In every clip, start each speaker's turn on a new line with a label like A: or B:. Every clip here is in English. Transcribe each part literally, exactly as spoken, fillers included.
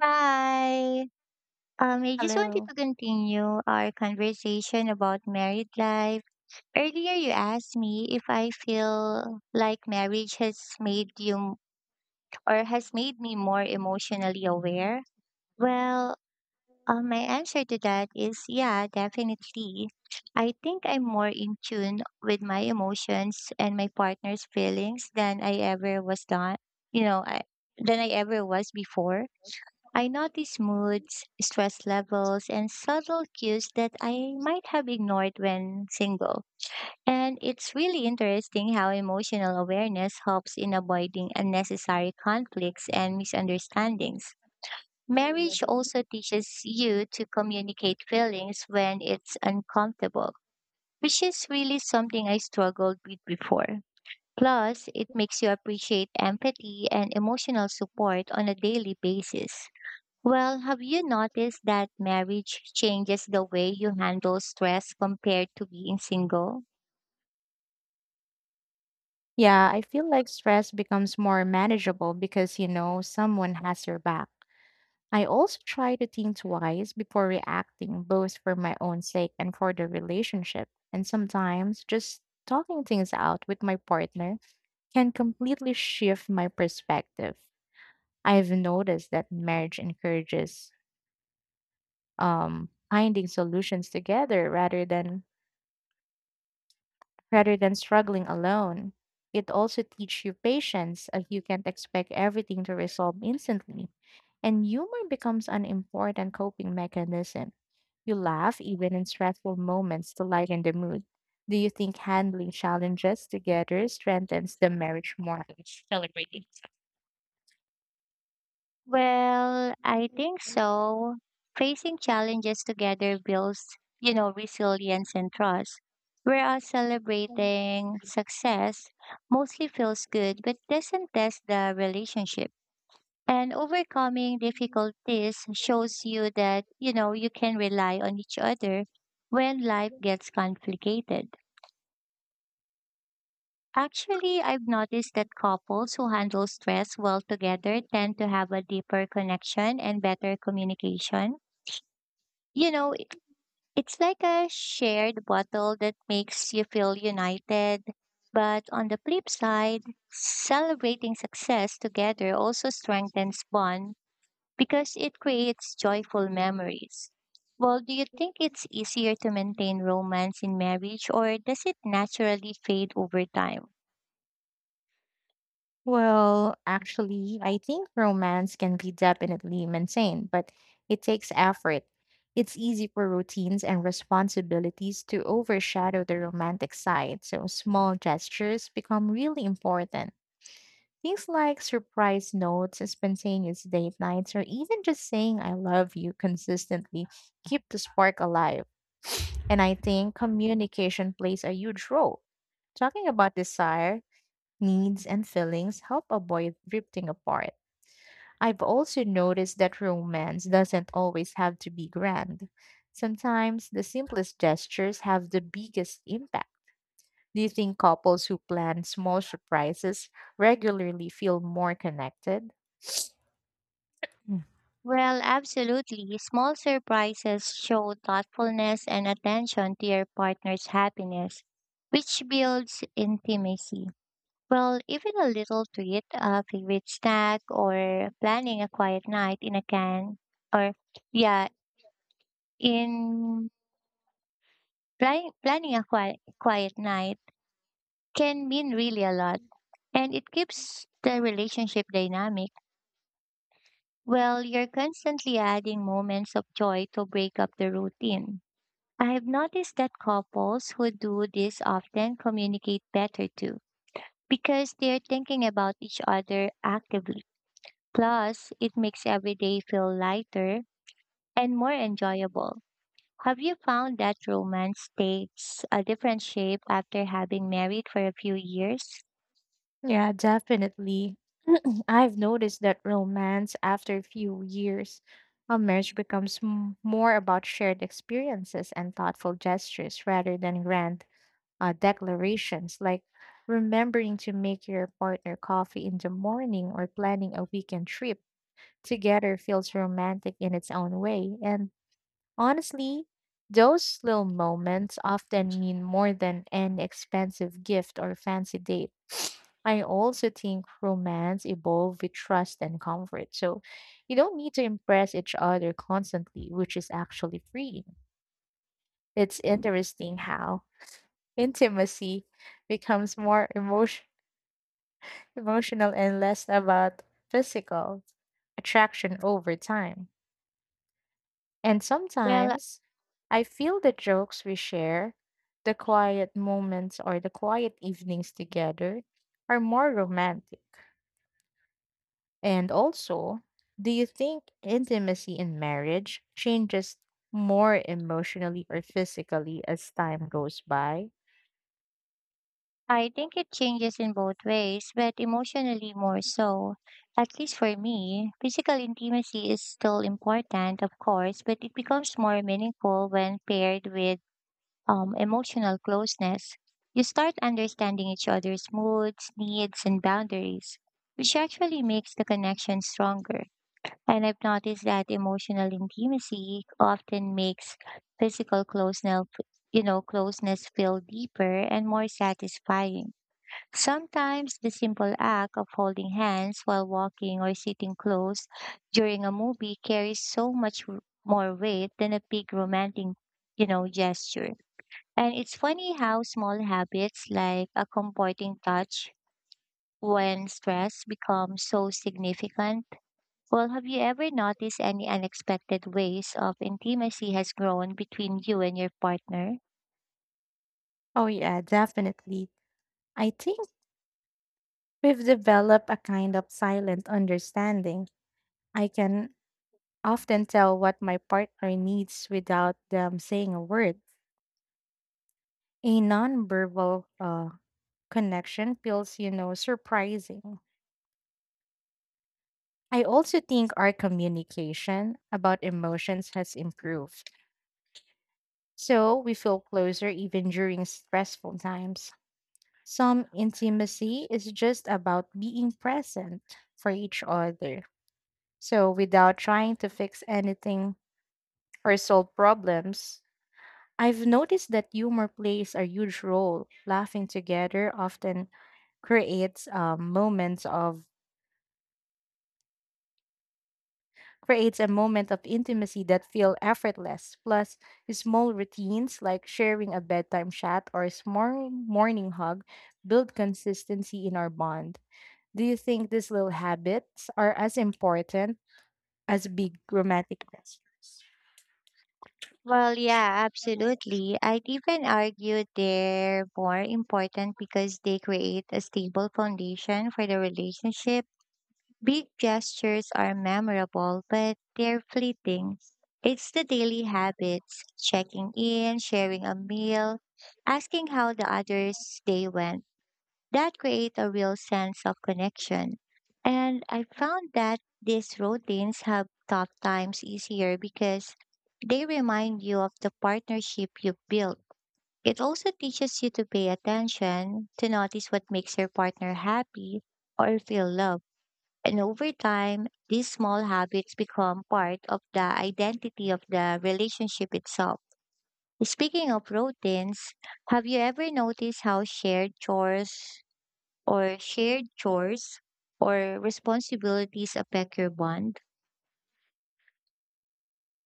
A: Hi. Um, I just wanted
B: Hello.
A: to continue our conversation about married life. Earlier, you asked me if I feel like marriage has made you or has made me more emotionally aware. Well, uh, my answer to that is yeah, definitely. I think I'm more in tune with my emotions and my partner's feelings than I ever was done, you know, I, than I ever was before. I notice moods, stress levels, and subtle cues that I might have ignored when single. And it's really interesting how emotional awareness helps in avoiding unnecessary conflicts and misunderstandings. Marriage also teaches you to communicate feelings when it's uncomfortable, which is really something I struggled with before. Plus, it makes you appreciate empathy and emotional support on a daily basis. Well, have you noticed that marriage changes the way you handle stress compared to being single?
B: Yeah, I feel like stress becomes more manageable because, you know, someone has your back. I also try to think twice before reacting, both for my own sake and for the relationship. And sometimes just talking things out with my partner can completely shift my perspective. I've noticed that marriage encourages um, finding solutions together rather than rather than struggling alone. It also teaches you patience as you can't expect everything to resolve instantly. And humor becomes an important coping mechanism. You laugh even in stressful moments to lighten the mood. Do you think handling challenges together strengthens the marriage more than celebrating?
A: Well, I think so. Facing challenges together builds, you know, resilience and trust. Whereas celebrating success mostly feels good but doesn't test the relationship. And overcoming difficulties shows you that, you know, you can rely on each other when life gets complicated. Actually, I've noticed that couples who handle stress well together tend to have a deeper connection and better communication. You know, it, it's like a shared bottle that makes you feel united. But on the flip side, celebrating success together also strengthens bond because it creates joyful memories. Well, do you think it's easier to maintain romance in marriage or does it naturally fade over time?
B: Well, actually, I think romance can be definitely maintained, but it takes effort. It's easy for routines and responsibilities to overshadow the romantic side, so small gestures become really important. Things like surprise notes, spontaneous date nights, or even just saying I love you consistently keep the spark alive. And I think communication plays a huge role. Talking about desire, needs, and feelings help avoid drifting apart. I've also noticed that romance doesn't always have to be grand. Sometimes the simplest gestures have the biggest impact. Do you think couples who plan small surprises regularly feel more connected? Mm.
A: Well, absolutely. Small surprises show thoughtfulness and attention to your partner's happiness, which builds intimacy. Well, even a little treat, a favorite snack, or planning a quiet night in a can, or yeah, in planning planning a quiet, quiet night can mean really a lot, and it keeps the relationship dynamic. Well, you're constantly adding moments of joy to break up the routine. I have noticed that couples who do this often communicate better too, because they're thinking about each other actively. Plus, it makes every day feel lighter and more enjoyable. Have you found that romance takes a different shape after having married for a few years?
B: Yeah, definitely. I've noticed that romance after a few years of marriage becomes m- more about shared experiences and thoughtful gestures rather than grand uh, declarations like remembering to make your partner coffee in the morning or planning a weekend trip together feels romantic in its own way. And honestly, those little moments often mean more than an expensive gift or fancy date. I also think romance evolves with trust and comfort. So you don't need to impress each other constantly, which is actually freeing. It's interesting how intimacy becomes more emotion- emotional and less about physical attraction over time. And
A: Well,
B: sometimes I feel the jokes we share, the quiet moments or the quiet evenings together are more romantic. And also, do you think intimacy in marriage changes more emotionally or physically as time goes by?
A: I think it changes in both ways, but emotionally more so. At least for me, physical intimacy is still important, of course, but it becomes more meaningful when paired with um, emotional closeness. You start understanding each other's moods, needs, and boundaries, which actually makes the connection stronger. And I've noticed that emotional intimacy often makes physical closeness, you know, closeness feel deeper and more satisfying. Sometimes the simple act of holding hands while walking or sitting close during a movie carries so much w- more weight than a big romantic, you know, gesture. And it's funny how small habits like a comforting touch when stress becomes so significant. Well, have you ever noticed any unexpected ways of intimacy has grown between you and your partner?
B: Oh, yeah, definitely. I think we've developed a kind of silent understanding. I can often tell what my partner needs without them saying a word. A nonverbal uh, connection feels, you know, surprising. I also think our communication about emotions has improved. So we feel closer even during stressful times. Some intimacy is just about being present for each other. So without trying to fix anything or solve problems. I've noticed that humor plays a huge role. Laughing together often creates um, moments of creates a moment of intimacy that feel effortless. Plus small routines like sharing a bedtime chat or a small morning hug build consistency in our bond. Do you think these little habits are as important as big romantic gestures?
A: Well, yeah, absolutely. I'd even argue they're more important because they create a stable foundation for the relationship. Big gestures are memorable, but they're fleeting. It's the daily habits, checking in, sharing a meal, asking how the other's day went that create a real sense of connection. And I found that these routines have tough times easier because they remind you of the partnership you've built. It also teaches you to pay attention, to notice what makes your partner happy or feel loved. And over time, these small habits become part of the identity of the relationship itself. Speaking of routines, have you ever noticed how shared chores or shared chores or responsibilities affect your bond?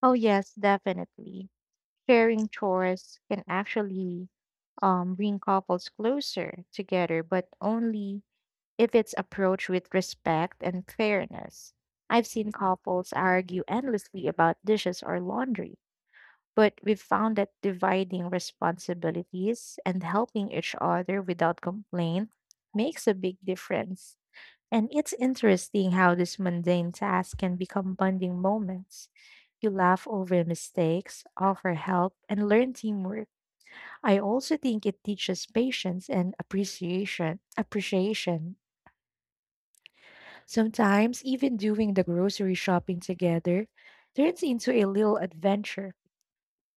B: Oh, yes, definitely. Sharing chores can actually um, bring couples closer together, but only if it's approached with respect and fairness. I've seen couples argue endlessly about dishes or laundry, but we've found that dividing responsibilities and helping each other without complaint makes a big difference. And it's interesting how these mundane tasks can become bonding moments. You laugh over mistakes, offer help, and learn teamwork. I also think it teaches patience and appreciation. Appreciation. Sometimes even doing the grocery shopping together turns into a little adventure.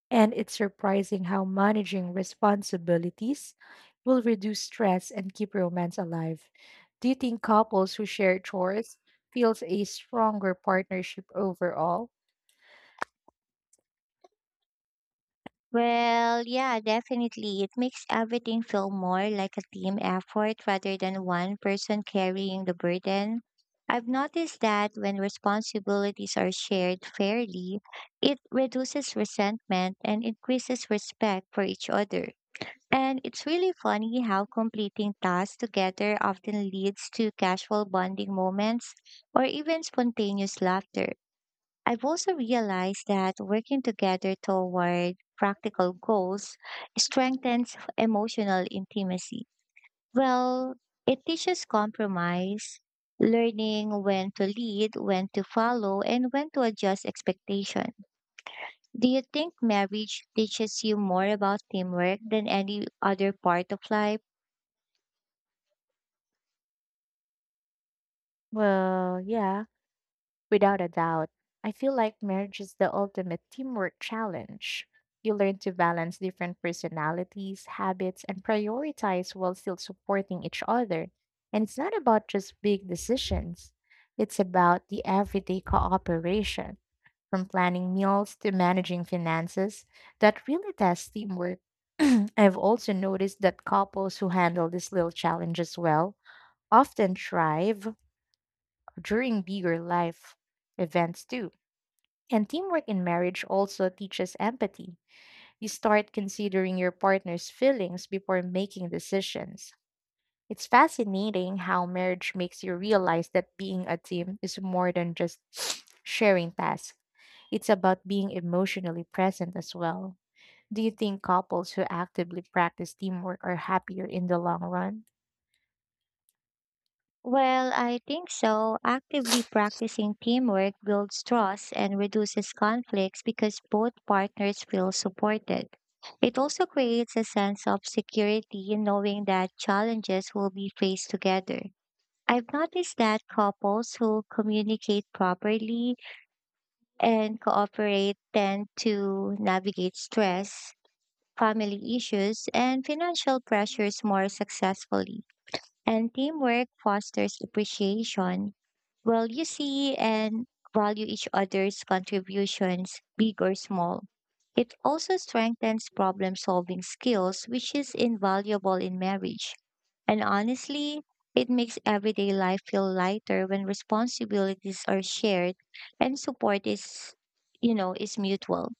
B: And it's surprising how managing responsibilities will reduce stress and keep romance alive. Do you think couples who share chores feels a stronger partnership overall?
A: Well, yeah, definitely. It makes everything feel more like a team effort rather than one person carrying the burden. I've noticed that when responsibilities are shared fairly, it reduces resentment and increases respect for each other. And it's really funny how completing tasks together often leads to casual bonding moments or even spontaneous laughter. I've also realized that working together toward practical goals strengthens emotional intimacy. Well, it teaches compromise, learning when to lead, when to follow, and when to adjust expectation. Do you think marriage teaches you more about teamwork than any other part of life?
B: Well, yeah, without a doubt, I feel like marriage is the ultimate teamwork challenge. You learn to balance different personalities, habits, and prioritize while still supporting each other. And it's not about just big decisions, it's about the everyday cooperation, from planning meals to managing finances, that really tests teamwork. I've also noticed that couples who handle these little challenges well often thrive during bigger life events too. And teamwork in marriage also teaches empathy. You start considering your partner's feelings before making decisions. It's fascinating how marriage makes you realize that being a team is more than just sharing tasks, it's about being emotionally present as well. Do you think couples who actively practice teamwork are happier in the long run?
A: Well, I think so. Actively practicing teamwork builds trust and reduces conflicts because both partners feel supported. It also creates a sense of security in knowing that challenges will be faced together. I've noticed that couples who communicate properly and cooperate tend to navigate stress, family issues, and financial pressures more successfully. And teamwork fosters appreciation well, you see and value each other's contributions, big or small. It also strengthens problem solving skills, which is invaluable in marriage. And honestly, it makes everyday life feel lighter when responsibilities are shared and support is, you know, is mutual.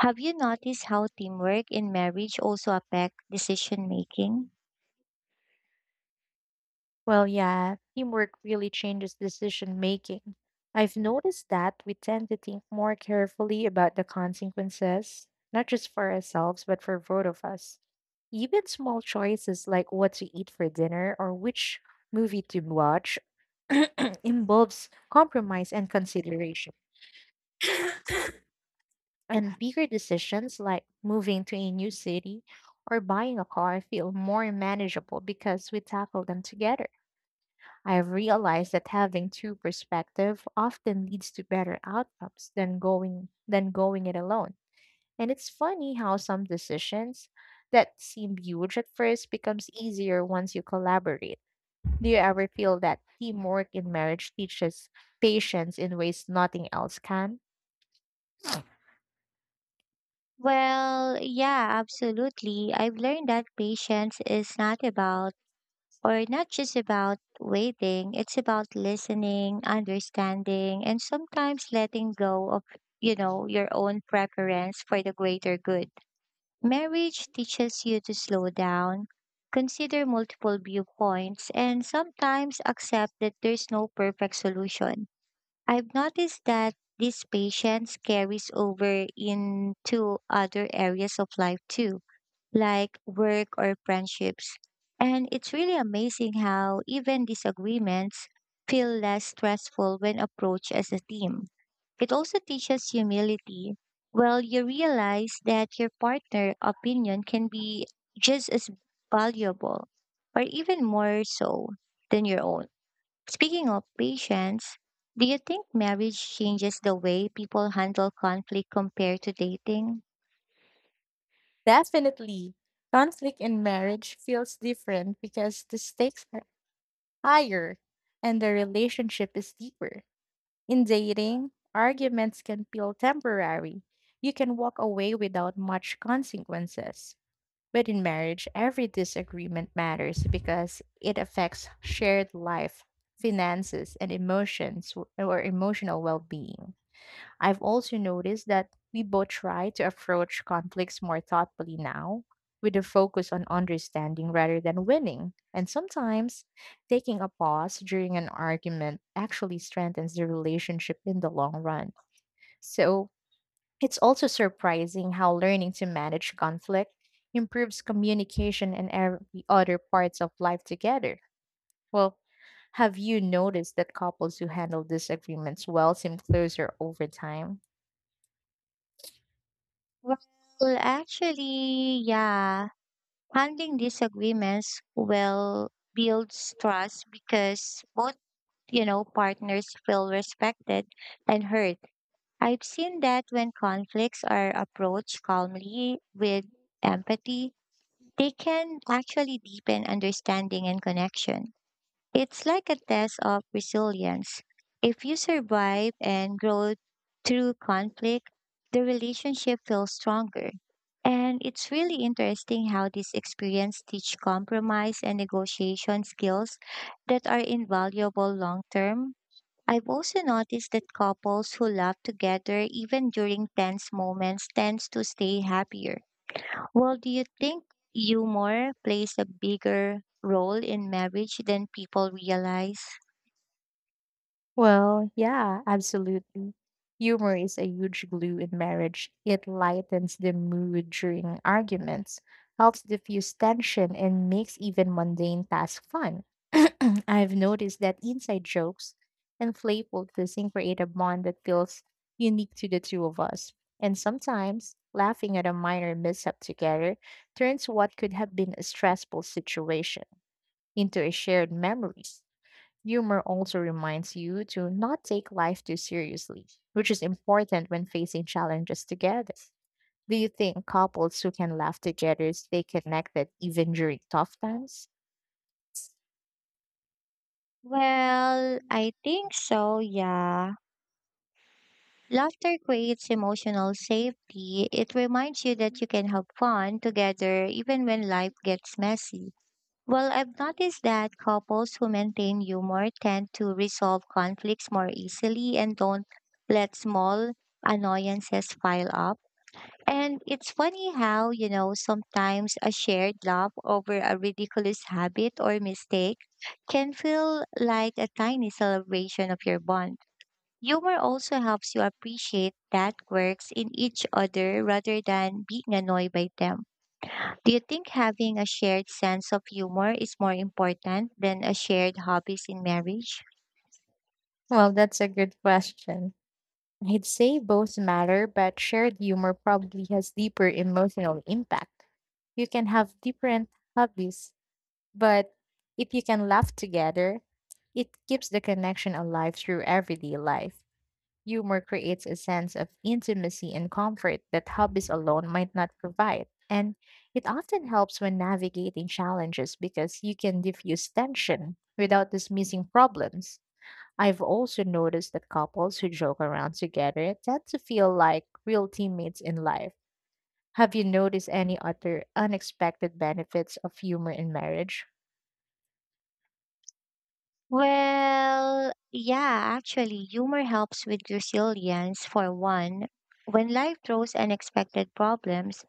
A: Have you noticed how teamwork in marriage also affect decision making?
B: Well, yeah, teamwork really changes decision making. I've noticed that we tend to think more carefully about the consequences, not just for ourselves, but for both of us. Even small choices like what to eat for dinner or which movie to watch involves compromise and consideration. And bigger decisions like moving to a new city or buying a car feel more manageable because we tackle them together. I've realized that having two perspectives often leads to better outcomes than going than going it alone. And it's funny how some decisions that seem huge at first becomes easier once you collaborate. Do you ever feel that teamwork in marriage teaches patience in ways nothing else can?
A: Well, yeah, absolutely. I've learned that patience is not about or not just about waiting, it's about listening, understanding, and sometimes letting go of, you know, your own preference for the greater good. Marriage teaches you to slow down, consider multiple viewpoints, and sometimes accept that there's no perfect solution. I've noticed that this patience carries over into other areas of life too, like work or friendships. And it's really amazing how even disagreements feel less stressful when approached as a team. It also teaches humility. Well, you realize that your partner opinion can be just as valuable or even more so than your own. Speaking of patience, do you think marriage changes the way people handle conflict compared to dating?
B: Definitely. Conflict in marriage feels different because the stakes are higher and the relationship is deeper. In dating, arguments can feel temporary. You can walk away without much consequences. But in marriage, every disagreement matters because it affects shared life, finances, and emotions w- or emotional well being. I've also noticed that we both try to approach conflicts more thoughtfully now, with a focus on understanding rather than winning. And sometimes taking a pause during an argument actually strengthens the relationship in the long run. So it's also surprising how learning to manage conflict improves communication and every other parts of life together. Well, have you noticed that couples who handle disagreements well seem closer over time?
A: Well, actually, yeah. Handling disagreements will builds trust because both, you know, partners feel respected and heard. I've seen that when conflicts are approached calmly with empathy, they can actually deepen understanding and connection. It's like a test of resilience. If you survive and grow through conflict, the relationship feels stronger. And it's really interesting how this experience teach compromise and negotiation skills that are invaluable long term. I've also noticed that couples who love together even during tense moments tends to stay happier. Well, do you think humor plays a bigger role in marriage than people realize?
B: Well, yeah, absolutely. Humor is a huge glue in marriage. It lightens the mood during arguments, helps diffuse tension, and makes even mundane tasks fun. I've noticed that inside jokes and playful teasing create a bond that feels unique to the two of us. And sometimes, laughing at a minor mishap together turns what could have been a stressful situation into a shared memory. Humor also reminds you to not take life too seriously, which is important when facing challenges together. Do you think couples who can laugh together stay connected even during tough times?
A: Well, I think so, yeah. Laughter creates emotional safety. It reminds you that you can have fun together even when life gets messy. Well, I've noticed that couples who maintain humor tend to resolve conflicts more easily and don't let small annoyances pile up. And it's funny how, you know, sometimes a shared laugh over a ridiculous habit or mistake can feel like a tiny celebration of your bond. Humor also helps you appreciate that quirks in each other rather than being annoyed by them. Do you think having a shared sense of humor is more important than a shared hobbies in marriage?
B: Well, that's a good question. I'd say both matter, but shared humor probably has deeper emotional impact. You can have different hobbies, but if you can laugh together, it keeps the connection alive through everyday life. Humor creates a sense of intimacy and comfort that hobbies alone might not provide. And it often helps when navigating challenges because you can diffuse tension without dismissing problems. I've also noticed that couples who joke around together tend to feel like real teammates in life. Have you noticed any other unexpected benefits of humor in marriage?
A: Well, yeah, actually, humor helps with resilience for one. When life throws unexpected problems,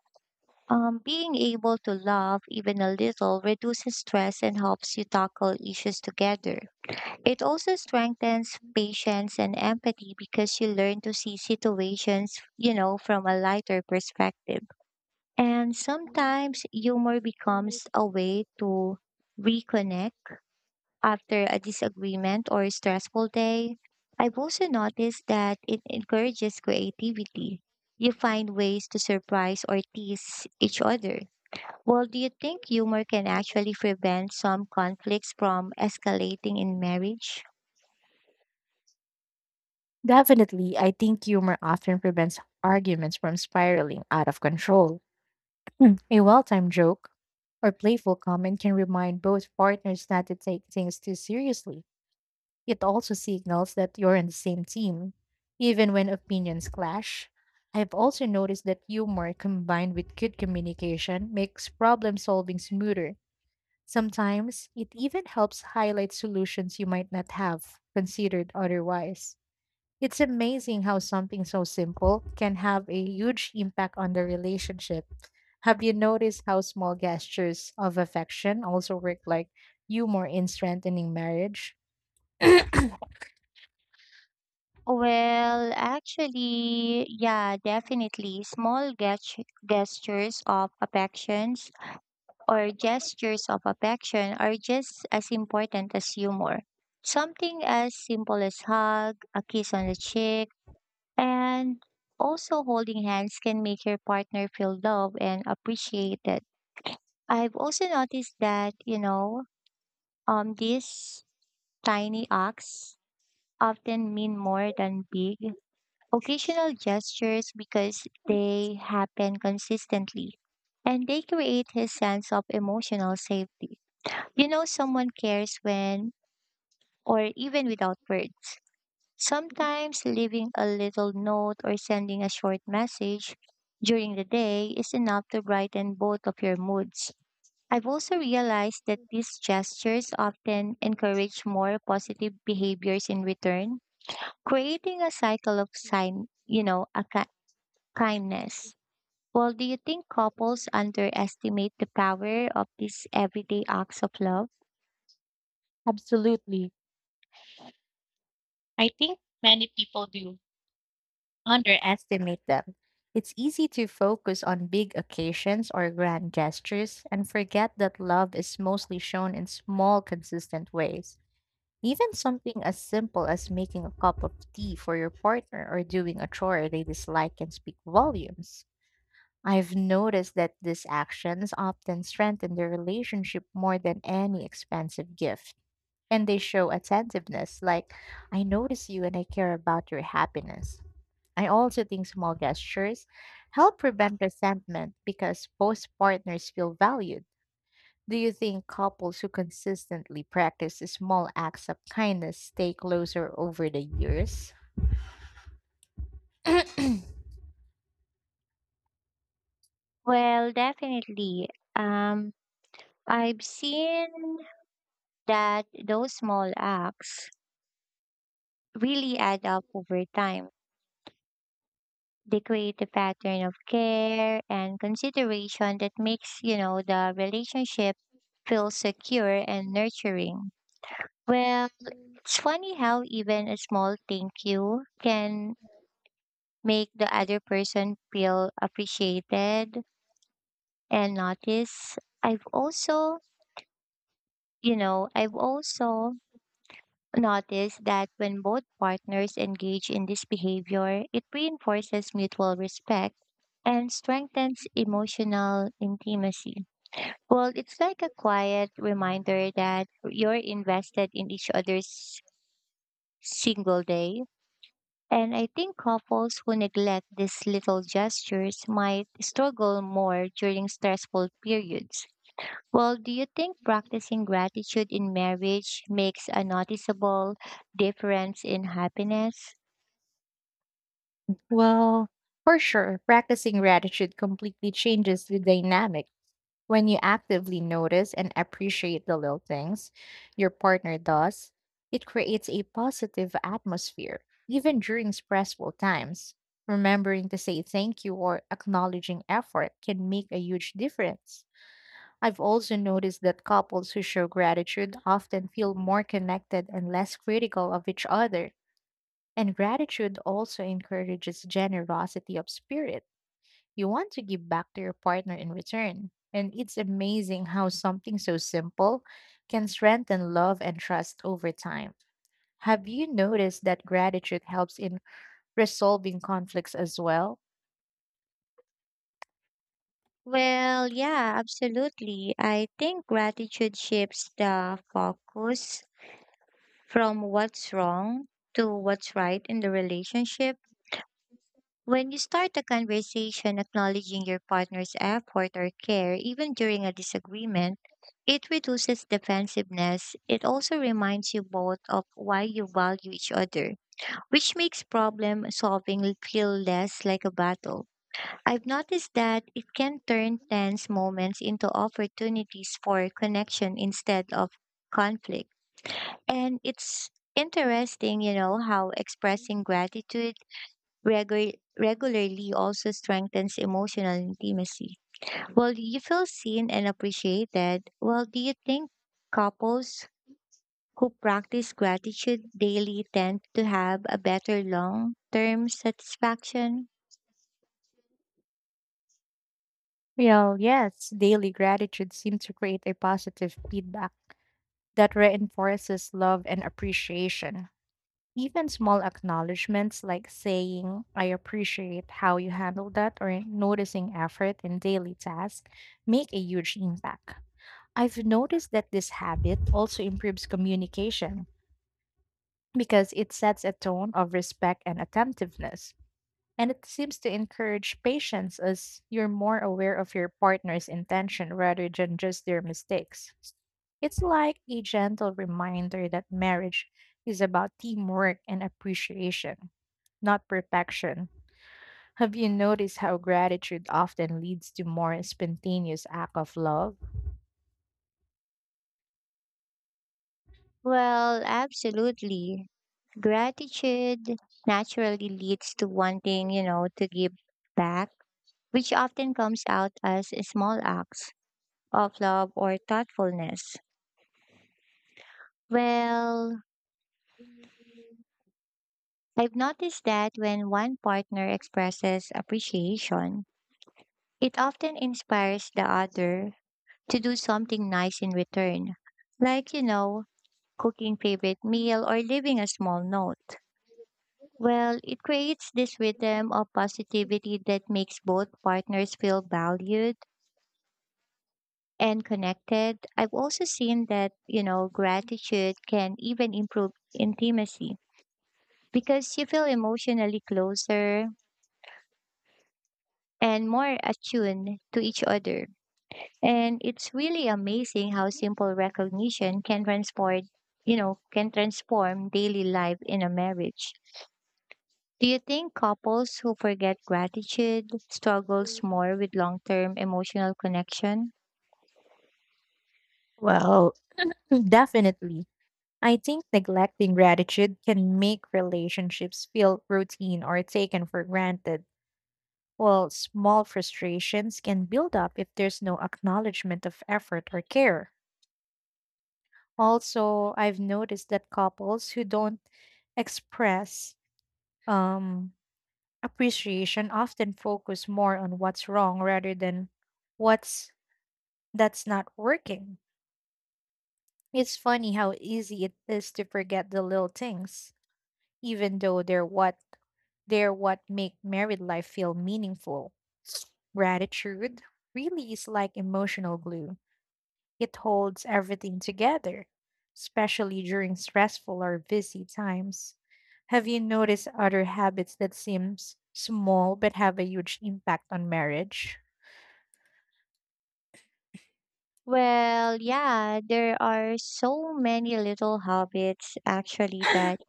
A: Um, being able to laugh even a little reduces stress and helps you tackle issues together. It also strengthens patience and empathy because you learn to see situations, you know, from a lighter perspective. And sometimes humor becomes a way to reconnect after a disagreement or a stressful day. I've also noticed that it encourages creativity. You find ways to surprise or tease each other well, do you think humor can actually prevent some conflicts from escalating in marriage?
B: Definitely, I think humor often prevents arguments from spiraling out of control. Hmm, A well timed joke or playful comment can remind both partners not to take things too seriously. It also signals that you're on the same team, even when opinions clash. I've also noticed that humor combined with good communication makes problem solving smoother. Sometimes it even helps highlight solutions you might not have considered otherwise. It's amazing how something so simple can have a huge impact on the relationship. Have you noticed how small gestures of affection also work like humor in strengthening marriage?
A: Well, actually, yeah, definitely. Small gest- gestures of affections or gestures of affection are just as important as humor. Something as simple as hug, a kiss on the cheek, and also holding hands can make your partner feel loved and appreciated. I've also noticed that, you know, Um, these tiny acts often mean more than big occasional gestures because they happen consistently and they create his sense of emotional safety. You know, someone cares when or even without words. Sometimes leaving a little note or sending a short message during the day is enough to brighten both of your moods. I've also realized that these gestures often encourage more positive behaviors in return, creating a cycle of sign, you know, a ki- kindness. Well, do you think couples underestimate the power of these everyday acts of love?
B: Absolutely. I think many people do underestimate them. It's easy to focus on big occasions or grand gestures and forget that love is mostly shown in small, consistent ways. Even something as simple as making a cup of tea for your partner or doing a chore they dislike can speak volumes. I've noticed that these actions often strengthen the relationship more than any expensive gift. And they show attentiveness, like, I notice you and I care about your happiness. I also think small gestures help prevent resentment because both partners feel valued. Do you think couples who consistently practice small acts of kindness stay closer over the years?
A: Well, definitely. Um, I've seen that those small acts really add up over time. They create a pattern of care and consideration that makes, you know, the relationship feel secure and nurturing. Well, it's funny how even a small thank you can make the other person feel appreciated and noticed. I've also, you know, I've also notice that when both partners engage in this behavior, it reinforces mutual respect and strengthens emotional intimacy. Well, it's like a quiet reminder that you're invested in each other's single day. And I think couples who neglect these little gestures might struggle more during stressful periods. Well, do you think practicing gratitude in marriage makes a noticeable difference in happiness?
B: Well, for sure, practicing gratitude completely changes the dynamic. When you actively notice and appreciate the little things your partner does, it creates a positive atmosphere, even during stressful times. Remembering to say thank you or acknowledging effort can make a huge difference. I've also noticed that couples who show gratitude often feel more connected and less critical of each other. And gratitude also encourages generosity of spirit. You want to give back to your partner in return. And it's amazing how something so simple can strengthen love and trust over time. Have you noticed that gratitude helps in resolving conflicts as well?
A: Well, yeah, absolutely. I think gratitude shifts the focus from what's wrong to what's right in the relationship. When you start a conversation acknowledging your partner's effort or care, even during a disagreement, it reduces defensiveness. It also reminds you both of why you value each other, which makes problem solving feel less like a battle. I've noticed that it can turn tense moments into opportunities for connection instead of conflict. And it's interesting, you know, how expressing gratitude regu- regularly also strengthens emotional intimacy. Well, do you feel seen and appreciated? Well, do you think couples who practice gratitude daily tend to have a better long term satisfaction?
B: Well, yes, daily gratitude seems to create a positive feedback that reinforces love and appreciation. Even small acknowledgments like saying, I appreciate how you handled that, or noticing effort in daily tasks make a huge impact. I've noticed that this habit also improves communication because it sets a tone of respect and attentiveness. And it seems to encourage patience as you're more aware of your partner's intention rather than just their mistakes. It's like a gentle reminder that marriage is about teamwork and appreciation, not perfection. Have you noticed how gratitude often leads to more spontaneous act of love?
A: Well, absolutely. Gratitude naturally leads to wanting, you know, to give back, which often comes out as small acts of love or thoughtfulness. Well, I've noticed that when one partner expresses appreciation, it often inspires the other to do something nice in return. Like, you know, cooking favorite meal, or leaving a small note. Well, it creates this rhythm of positivity that makes both partners feel valued and connected. I've also seen that, you know, gratitude can even improve intimacy because you feel emotionally closer and more attuned to each other. And it's really amazing how simple recognition can transport, you know, can transform daily life in a marriage. Do you think couples who forget gratitude struggles more with long-term emotional connection?
B: Well, definitely. I think neglecting gratitude can make relationships feel routine or taken for granted, while small frustrations can build up if there's no acknowledgement of effort or care. Also, I've noticed that couples who don't express um, appreciation often focus more on what's wrong rather than what's that's not working. It's funny how easy it is to forget the little things, even though they're what they're what make married life feel meaningful. Gratitude really is like emotional glue. It holds everything together, especially during stressful or busy times. Have you noticed other habits that seems small but have a huge impact on marriage?
A: Well, yeah, there are so many little habits actually that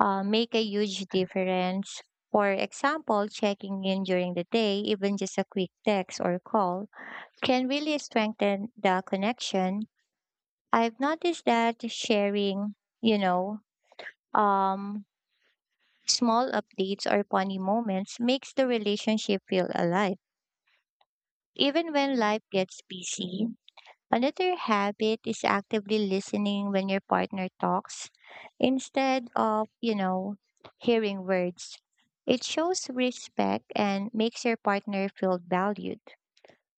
A: uh, make a huge difference. For example, checking in during the day, even just a quick text or call, can really strengthen the connection. I've noticed that sharing, you know, um, small updates or funny moments makes the relationship feel alive. Even when life gets busy, another habit is actively listening when your partner talks instead of, you know, hearing words. It shows respect and makes your partner feel valued.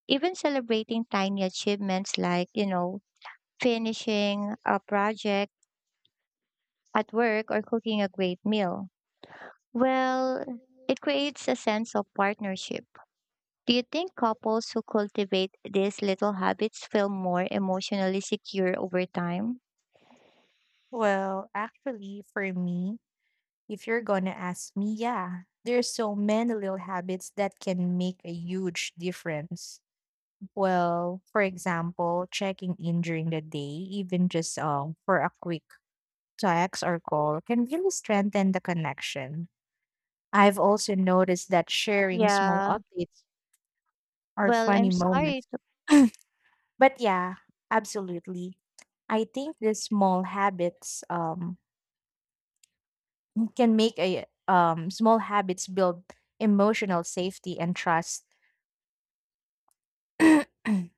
A: Even celebrating tiny achievements like, you know, finishing a project at work or cooking a great meal. Well, it creates a sense of partnership. Do you think couples who cultivate these little habits feel more emotionally secure over time?
B: Well, actually, for me, if you're gonna ask me, yeah, there's so many little habits that can make a huge difference. Well, for example, checking in during the day, even just um, for a quick text or call, can really strengthen the connection. I've also noticed that sharing small
A: Yeah.
B: updates or
A: Well, I'm
B: funny
A: sorry
B: moments.
A: to
B: But yeah, absolutely. I think these small habits um, can make a um, small habits build emotional safety and trust.